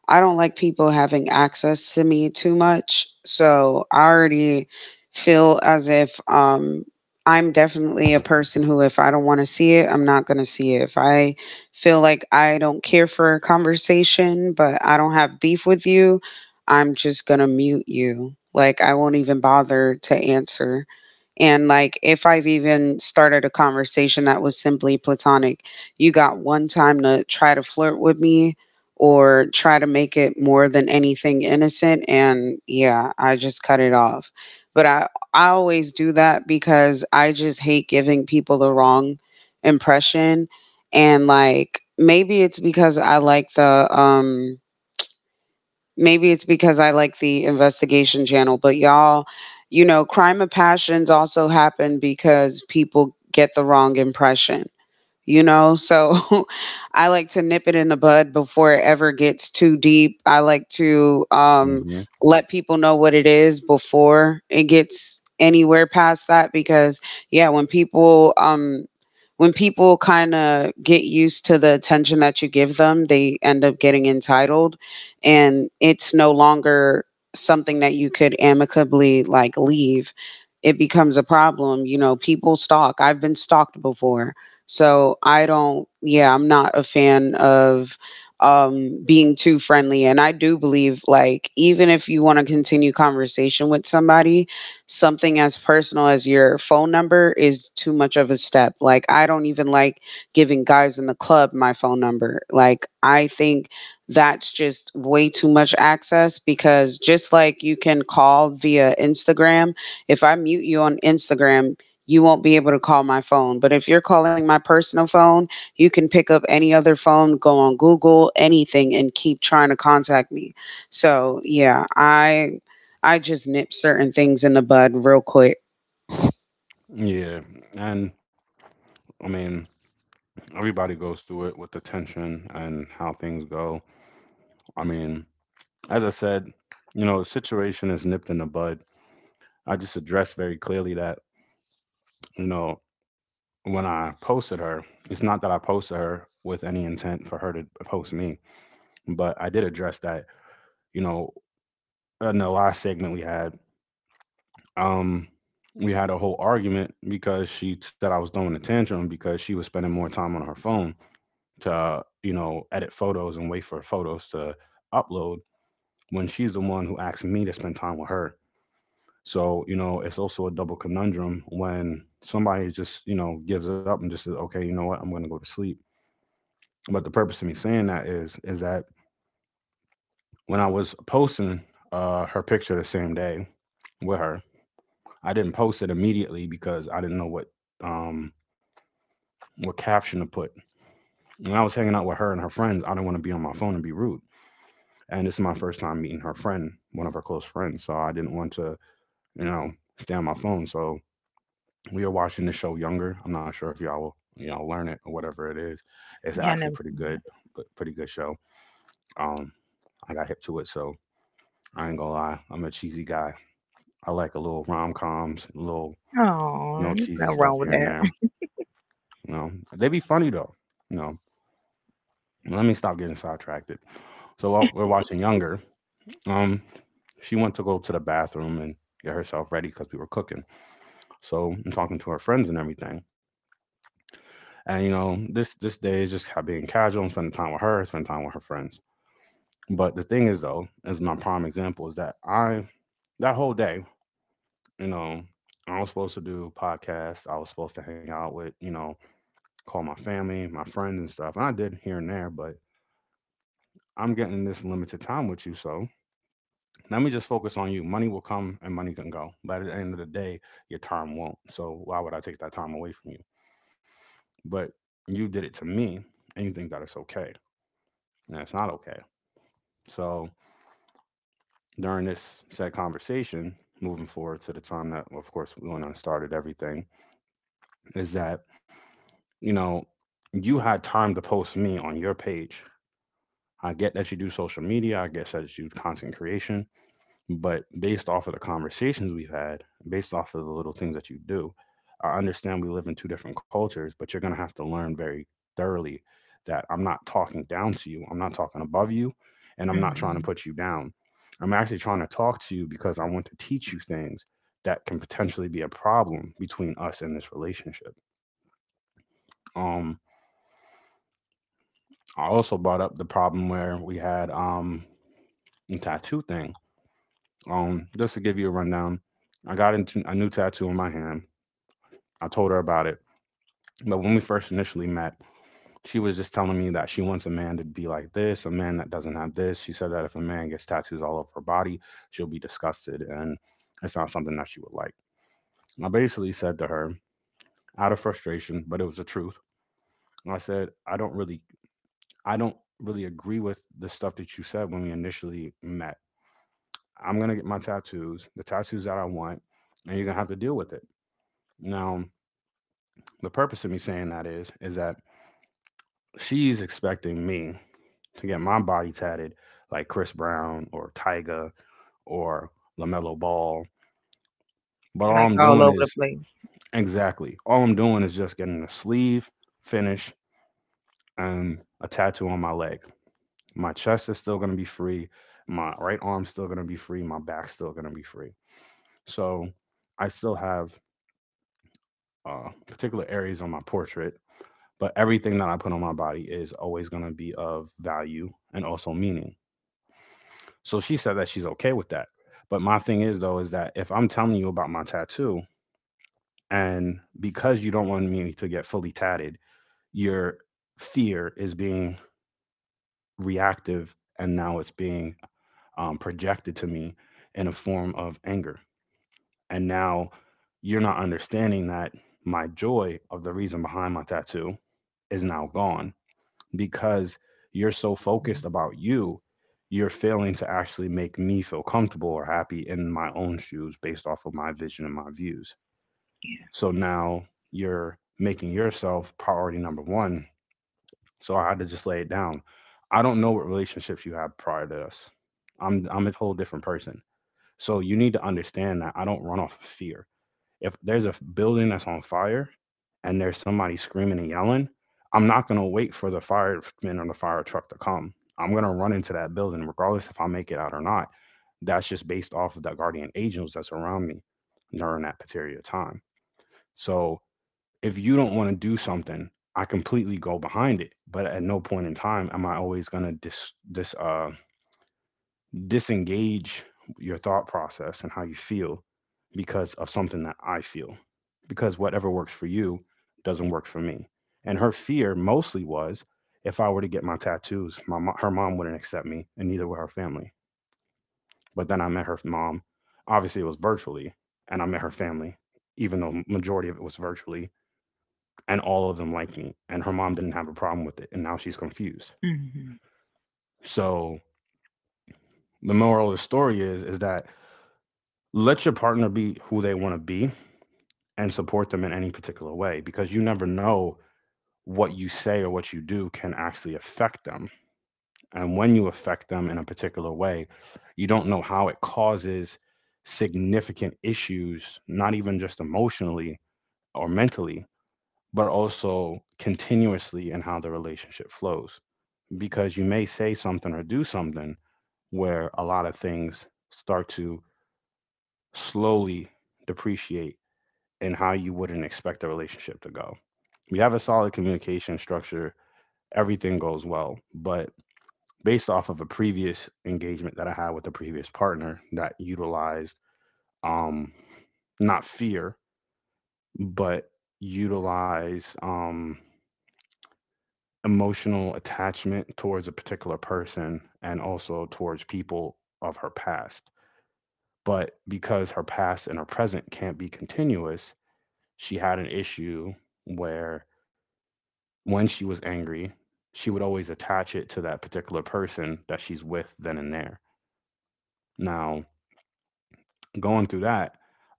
S3: I don't like people having access to me too much. So I already feel as if I'm definitely a person who if I don't want to see it, I'm not gonna see it. If I feel like I don't care for a conversation, but I don't have beef with you, I'm just gonna mute you. Like I won't even bother to answer. And like if I've even started a conversation that was simply platonic, you got one time to try to flirt with me or try to make it more than anything innocent, and yeah, I just cut it off. But I always do that because I just hate giving people the wrong impression. And like maybe it's because I like the maybe it's because I like the investigation channel, but y'all, you know, crime of passions also happen because people get the wrong impression, you know? So I like to nip it in the bud before it ever gets too deep. I like to,
S1: Hmm.
S3: let people know what it is before it gets anywhere past that because, yeah, when people kind of get used to the attention that you give them, they end up getting entitled and it's no longer something that you could amicably like leave, it becomes a problem. You know, people stalk. I've been stalked before. So I don't, yeah, I'm not a fan of being too friendly. And I do believe like even if you want to continue conversation with somebody, something as personal as your phone number is too much of a step. Like I don't even like giving guys in the club my phone number. Like I think that's just way too much access because just like you can call via Instagram, if I mute you on Instagram, you won't be able to call my phone. But if you're calling my personal phone, you can pick up any other phone, go on Google, anything, and keep trying to contact me. So yeah, I just nip certain things in the bud real quick.
S1: Yeah. And I mean, everybody goes through it with the tension and how things go. I mean, as I said, the situation is nipped in the bud. I just addressed very clearly that, you know, when I posted her, it's not that I posted her with any intent for her to post me, but I did address that, you know, in the last segment um we had a whole argument because she said I was throwing a tantrum because she was spending more time on her phone to, edit photos and wait for photos to upload when she's the one who asked me to spend time with her. So, it's also a double conundrum when somebody just, gives up and just says, okay, you know what, I'm going to go to sleep. But the purpose of me saying that is that when I was posting her picture the same day with her, I didn't post it immediately because I didn't know um, what caption to put. And I was hanging out with her and her friends. I didn't want to be on my phone and be rude. And this is my first time meeting her friend, one of her close friends. So I didn't want to, you know, stay on my phone. So we were watching the show Younger. I'm not sure if y'all will, learn it or whatever it is. It's
S2: Yeah, I
S1: actually
S2: never
S1: pretty
S2: seen
S1: good, but pretty good show. Um, I got hip to it, so I ain't gonna lie. I'm a cheesy guy. I like a little rom coms, a little
S2: that. Oh, there's
S1: cheesy
S2: nothing
S1: stuff
S2: wrong with
S1: here and
S2: that.
S1: there. You know, they be funny though. You know, let me stop getting sidetracked. So while we're watching Younger, Um, she went to go to the bathroom and get herself ready because we were cooking. So I'm talking to her friends and everything. And this day is just being casual and spending time with her, spending time with her friends. But the thing is though, as my prime example is that I that whole day, you know, I was supposed to do podcasts. I was supposed to hang out with, call my family, my friends and stuff. And I did here and there, but I'm getting this limited time with you, so let me just focus on you. Money will come and money can go. But at the end of the day, your time won't. So why would I take that time away from you? But you did it to me and you think that it's okay. And it's not okay. So during this said conversation, moving forward to the time that, of course, when I started everything, is that, you know, you had time to post me on your page. I get that you do social media. I get that you do content creation. But based off of the conversations we've had, based off of the little things that you do, I understand we live in two different cultures, but you're going to have to learn very thoroughly that I'm not talking down to you, I'm not talking above you, and I'm not trying
S2: Hmm.
S1: to put you down. I'm actually trying to talk to you because I want to teach you things that can potentially be a problem between us and this relationship. Um, I also brought up the problem where we had the tattoo thing. Just to give you a rundown, I got into a new tattoo on my hand. I told her about it. But when we first initially met, she was just telling me that she wants a man to be like this, a man that doesn't have this. She said that if a man gets tattoos all over her body, she'll be disgusted and it's not something that she would like. And I basically said to her, out of frustration, but it was the truth. And I said, I don't really agree with the stuff that you said when we initially met. I'm gonna get my tattoos, the tattoos that I want, and you're gonna have to deal with it. Now, the purpose of me saying that is that she's expecting me to get my body tatted like Chris Brown or Tyga or LaMelo Ball. But all
S2: Like
S1: I'm
S2: all
S1: doing
S2: over the
S1: is
S2: place.
S1: exactly, all I'm doing is just getting a sleeve finish and a tattoo on my leg. My chest is still gonna be free. My right arm's still gonna be free. My back's still gonna be free. So I still have particular areas on my portrait, but everything that I put on my body is always gonna be of value and also meaning. So she said that she's okay with that. But my thing is though is that if I'm telling you about my tattoo and because you don't want me to get fully tatted, your fear is being reactive and now it's being projected to me in a form of anger. And now you're not understanding that my joy of the reason behind my tattoo is now gone because you're so focused about you, you're failing to actually make me feel comfortable or happy in my own shoes based off of my vision and my views. So now you're making yourself priority number one. So I had to just lay it down. I don't know what relationships you had prior to us. I'm a whole different person. So you need to understand that I don't run off of fear. If there's a building that's on fire, and there's somebody screaming and yelling, I'm not going to wait for the fireman or the fire truck to come. I'm going to run into that building, regardless if I make it out or not. That's just based off of the guardian angels that's around me during that particular time. So if you don't want to do something, I completely go behind it. But at no point in time am I always going to disengage your thought process and how you feel because of something that I feel. Because whatever works for you doesn't work for me. And her fear mostly was if I were to get my tattoos, her mom wouldn't accept me, and neither would her family. But then I met her mom. Obviously, it was virtually, and I met her family, even though majority of it was virtually, and all of them liked me. And her mom didn't have a problem with it, and now she's confused.
S2: Mm-hmm.
S1: So the moral of the story is that let your partner be who they want to be and support them in any particular way because you never know what you say or what you do can actually affect them. And when you affect them in a particular way, you don't know how it causes significant issues, not even just emotionally or mentally, but also continuously in how the relationship flows. Because you may say something or do something where a lot of things start to slowly depreciate and how you wouldn't expect the relationship to go. We have a solid communication structure, everything goes well, but based off of a previous engagement that I had with a previous partner that utilized um not fear, but utilized emotional attachment towards a particular person and also towards people of her past. But because her past and her present can't be continuous, she had an issue where when she was angry, she would always attach it to that particular person that she's with then and there. Now, going through that,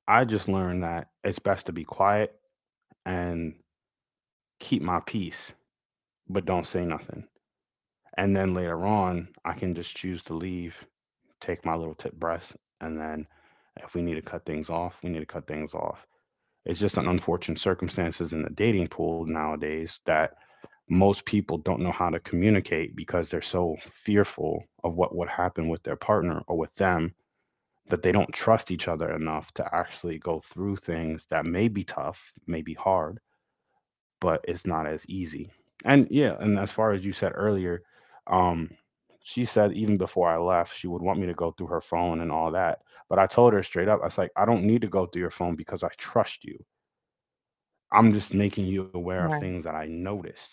S1: I just learned that it's best to be quiet and keep my peace, but don't say nothing. And then later on, I can just choose to leave, take my little tip breaths, and then if we need to cut things off, we need to cut things off. It's just an unfortunate circumstances in the dating pool nowadays that most people don't know how to communicate because they're so fearful of what would happen with their partner or with them that they don't trust each other enough to actually go through things that may be tough, may be hard, but it's not as easy. And yeah, and as far as you said earlier, um, she said even before I left, she would want me to go through her phone and all that. But I told her straight up, I was like, I don't need to go through your phone because I trust you. I'm just making you aware of
S2: Right.
S1: things that I noticed,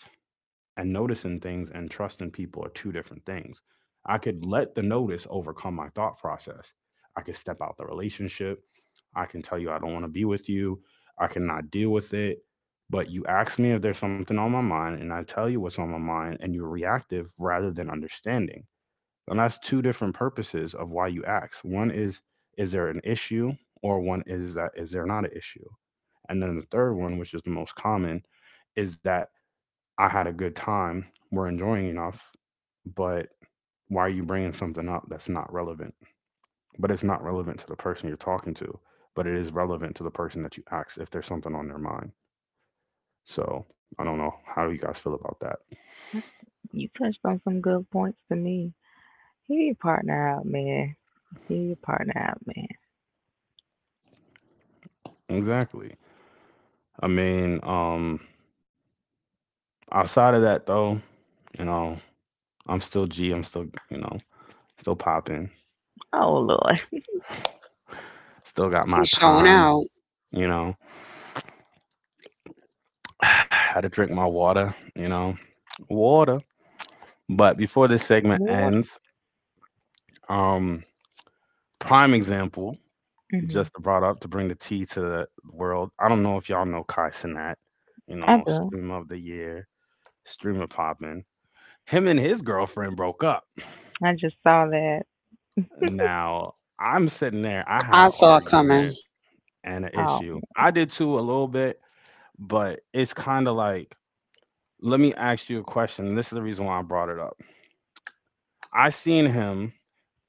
S1: and noticing things and trusting people are two different things. I could let the notice overcome my thought process. I could step out the relationship. I can tell you I don't want to be with you. I cannot deal with it. But you ask me if there's something on my mind, and I tell you what's on my mind, and you're reactive rather than understanding. And that's two different purposes of why you ask. One is there an issue? Or one is that, is there not an issue? And then the third one, which is the most common, is that I had a good time. We're enjoying enough, but why are you bringing something up that's not relevant? But it's not relevant to the person you're talking to, but it is relevant to the person that you ask if there's something on their mind. So I don't know how do you guys feel about that.
S2: You touched on some good points to me. Hear your partner out, man. Hear your partner out, man.
S1: Exactly. I mean, outside of that though, you know, I'm still G. I'm still, you know, still popping.
S2: Oh, Lord.
S1: Still got my
S3: He's showing
S1: time.
S3: out.
S1: You know, had to drink my water. You know, water. But before this segment
S2: Lord.
S1: ends, um, prime example, just
S2: Hmm.
S1: to brought up to bring the tea to the world. I don't know if y'all know Kai Cenat, you know,
S2: I do.
S1: stream of the year, streamer poppin'. Him and his girlfriend broke up.
S2: I just saw that.
S1: Now, I'm sitting there, I had
S3: I
S1: an
S3: saw it
S1: argument
S3: coming.
S1: and an
S2: Oh.
S1: issue. I did too a little bit, but it's kind of like, let me ask you a question. This is the reason why I brought it up. I seen him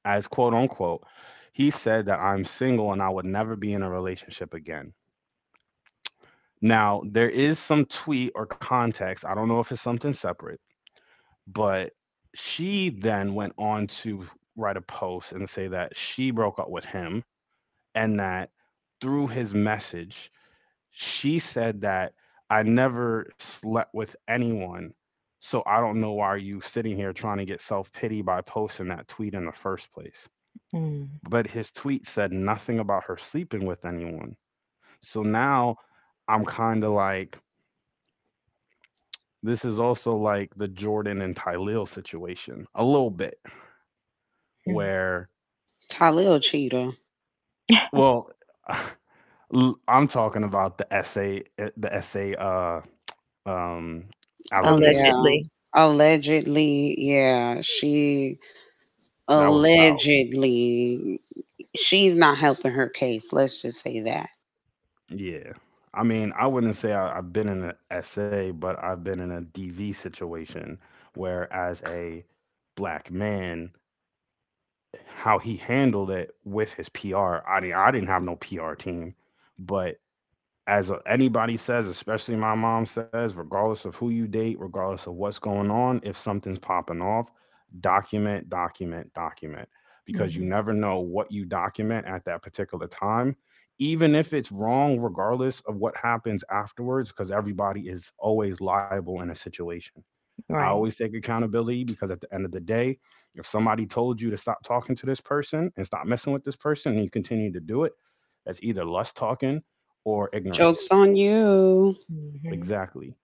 S1: as quote unquote, he said that I'm single and I would never be in a relationship again. Now, there is some tweet or context. I don't know if it's something separate, but she then went on to write a post and say that she broke up with him and that through his message, she said that I never slept with anyone. So I don't know why you are sitting here trying to get self pity by posting that tweet in the first place.
S2: Mm-hmm.
S1: But his tweet said nothing about her sleeping with anyone. So now I'm kind of like, this is also like the Jordan and Tylil situation a little bit, where
S3: Talil Cheetah.
S1: well, i I'm talking about the essay, the essay, um,
S3: Oh
S1: allegation
S3: yeah.
S2: Allegedly.
S3: Allegedly, yeah. She
S1: that was filed.
S3: allegedly she's not helping her case. Let's just say that.
S1: Yeah, I mean, I wouldn't say I've been in an essay, but I've been in a DV situation where, as a black man, how he handled it with his PR. I mean, I didn't have no PR team, but as anybody says, especially my mom says, regardless of who you date, regardless of what's going on, if something's popping off, document, document, document, because you
S2: Mm-hmm.
S1: never know what you document at that particular time. Even if it's wrong, regardless of what happens afterwards, because everybody is always liable in a situation. I
S2: Right.
S1: always take accountability because at the end of the day, if somebody told you to stop talking to this person and stop messing with this person and you continue to do it, that's either lust talking or
S3: Jokes
S1: ignorance.
S3: on you.
S2: Hmm.
S1: Exactly.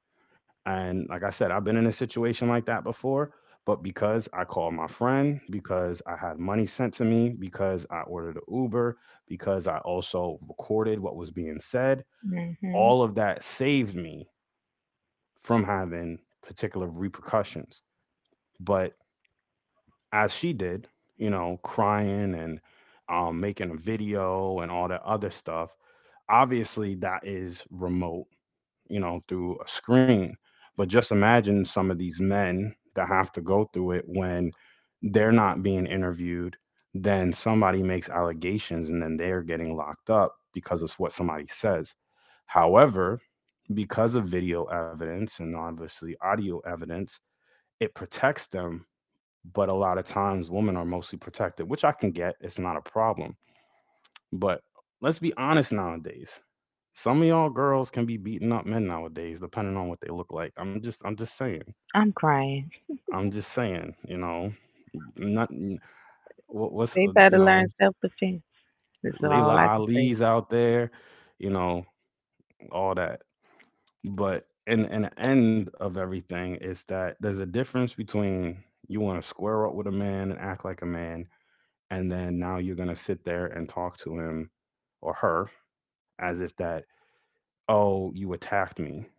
S1: And like I said, I've been in a situation like that before, but because I called my friend, because I had money sent to me, because I ordered an Uber, because I also recorded what was being said,
S2: Hmm.
S1: all of that saved me from having particular repercussions. But as she did, you know, crying and making a video and all that other stuff. Obviously, that is remote, you know, through a screen. But just imagine some of these men that have to go through it when they're not being interviewed. Then somebody makes allegations and then they're getting locked up because of what somebody says. However, because of video evidence and obviously audio evidence, it protects them, but a lot of times women are mostly protected, which I can get. It's not a problem. But let's be honest nowadays. Some of y'all girls can be beating up men nowadays, depending on what they look like. I'm just saying.
S2: I'm crying.
S1: I'm just saying. You know, not what's
S2: They
S1: you
S2: better learn
S1: know,
S2: self defense. This is
S1: Layla
S2: all I can say.
S1: Ali's out there. You know, all that. But in the end of everything is that there's a difference between you want to square up with a man and act like a man, and then now you're going to sit there and talk to him or her as if that, oh, you attacked me,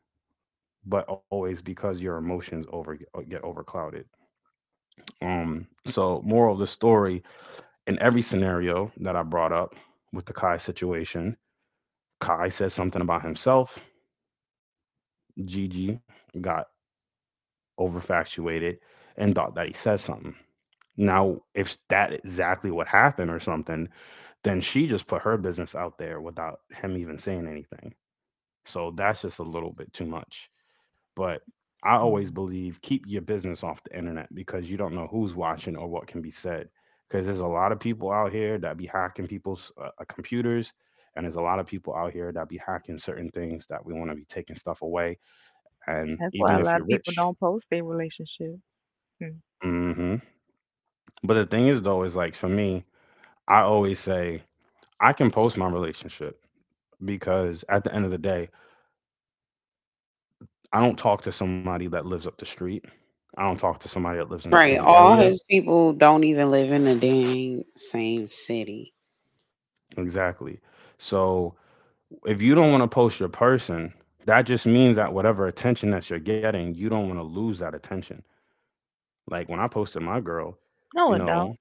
S1: but always because your emotions over get overclouded. So moral of the story, in every scenario that I brought up with the Kai situation, Kai said something about himself, Gigi got overfactuated and thought that he said something. Now if that exactly what happened or something, then she just put her business out there without him even saying anything. So that's just a little bit too much. But I always
S2: Mm-hmm.
S1: believe keep your business off the internet because you don't know who's watching or what can be said. Because there's a lot of people out here that be hacking people's computers, and there's a lot of people out here that be hacking certain things that we want to be taking stuff away. And
S2: That's why
S1: even
S2: a
S1: if
S2: lot
S1: you're
S2: of people
S1: rich,
S2: don't post their relationship. Hmm.
S1: hmm, but the thing is though is like for me, I always say I can post my relationship because at the end of the day, I don't talk to somebody that lives up the street. I don't talk to somebody that lives in the
S3: Right.
S1: same
S3: All
S1: area.
S3: his people don't even live in the dang same city.
S1: Exactly. So if you don't want to post your person, that just means that whatever attention that you're getting, you don't want to lose that attention. Like when I posted my girl,
S2: No,
S1: you
S2: it don't.
S1: know,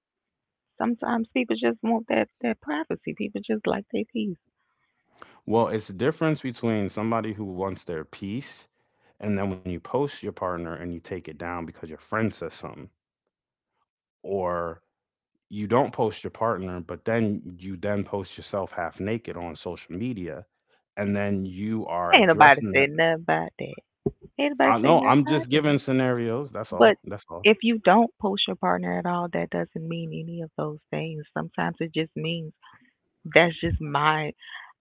S2: Sometimes people just want that privacy. People just like their peace.
S1: well, it's the difference between somebody who wants their peace and then when you post your partner and you take it down because your friend says something, or you don't post your partner, but then you then post yourself half naked on social media, and then you are
S2: Ain't nobody
S1: addressing
S2: say
S1: that.
S2: nothing about that. Ain't
S1: I
S2: nobody say
S1: know
S2: nothing
S1: I'm
S2: about
S1: just giving
S2: that.
S1: scenarios. That's
S2: But
S1: all. That's all.
S2: if you don't post your partner at all, that doesn't mean any of those things. Sometimes it just means that's just my.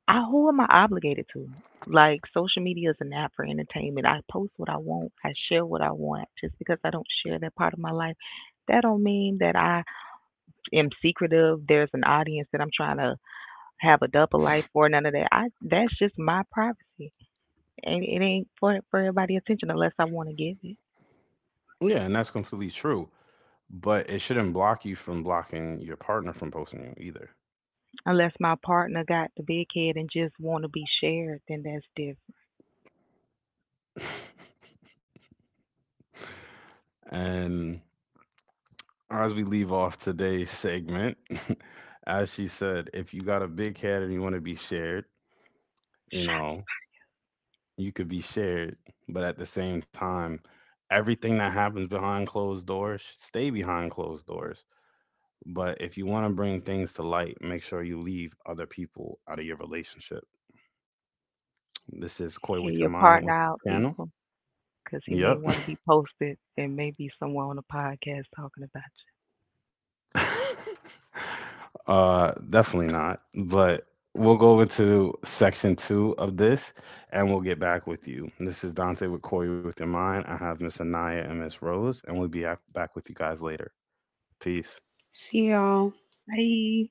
S2: I who am I obligated to? Like social media is an app for entertainment. I post what I want. I share what I want. Just because I don't share that part of my life, that don't mean that I am secretive, there's an audience that I'm trying to have a double life for, none of that. I that's just my privacy. And it ain't for everybody's attention unless I want to give it.
S1: Yeah, and that's completely true. But it shouldn't block you from blocking your partner from posting you either.
S2: Unless my partner got the big head and just want to be shared, then that's different.
S1: And as we leave off today's segment, as she said, if you got a big head and you want to be shared, you
S2: Shout-
S1: know, you could be shared, but at the same time, everything that happens behind closed doors should stay behind closed doors. But if you want to bring things to light, make sure you leave other people out of your relationship. This is Koi
S2: Hear
S1: with
S2: your
S1: your
S2: partner
S1: mind with
S2: out,
S1: the channel.
S2: people, because he may
S1: Yep.
S2: want to be posted and maybe someone on the podcast talking about
S1: Definitely not. But we'll go into section two of this, and we'll get back with you. This is Dante with Koi with your mind. I have Miss Anaya and Miss Rose, and we'll be back with you guys later. Peace.
S3: See y'all.
S2: you. Bye.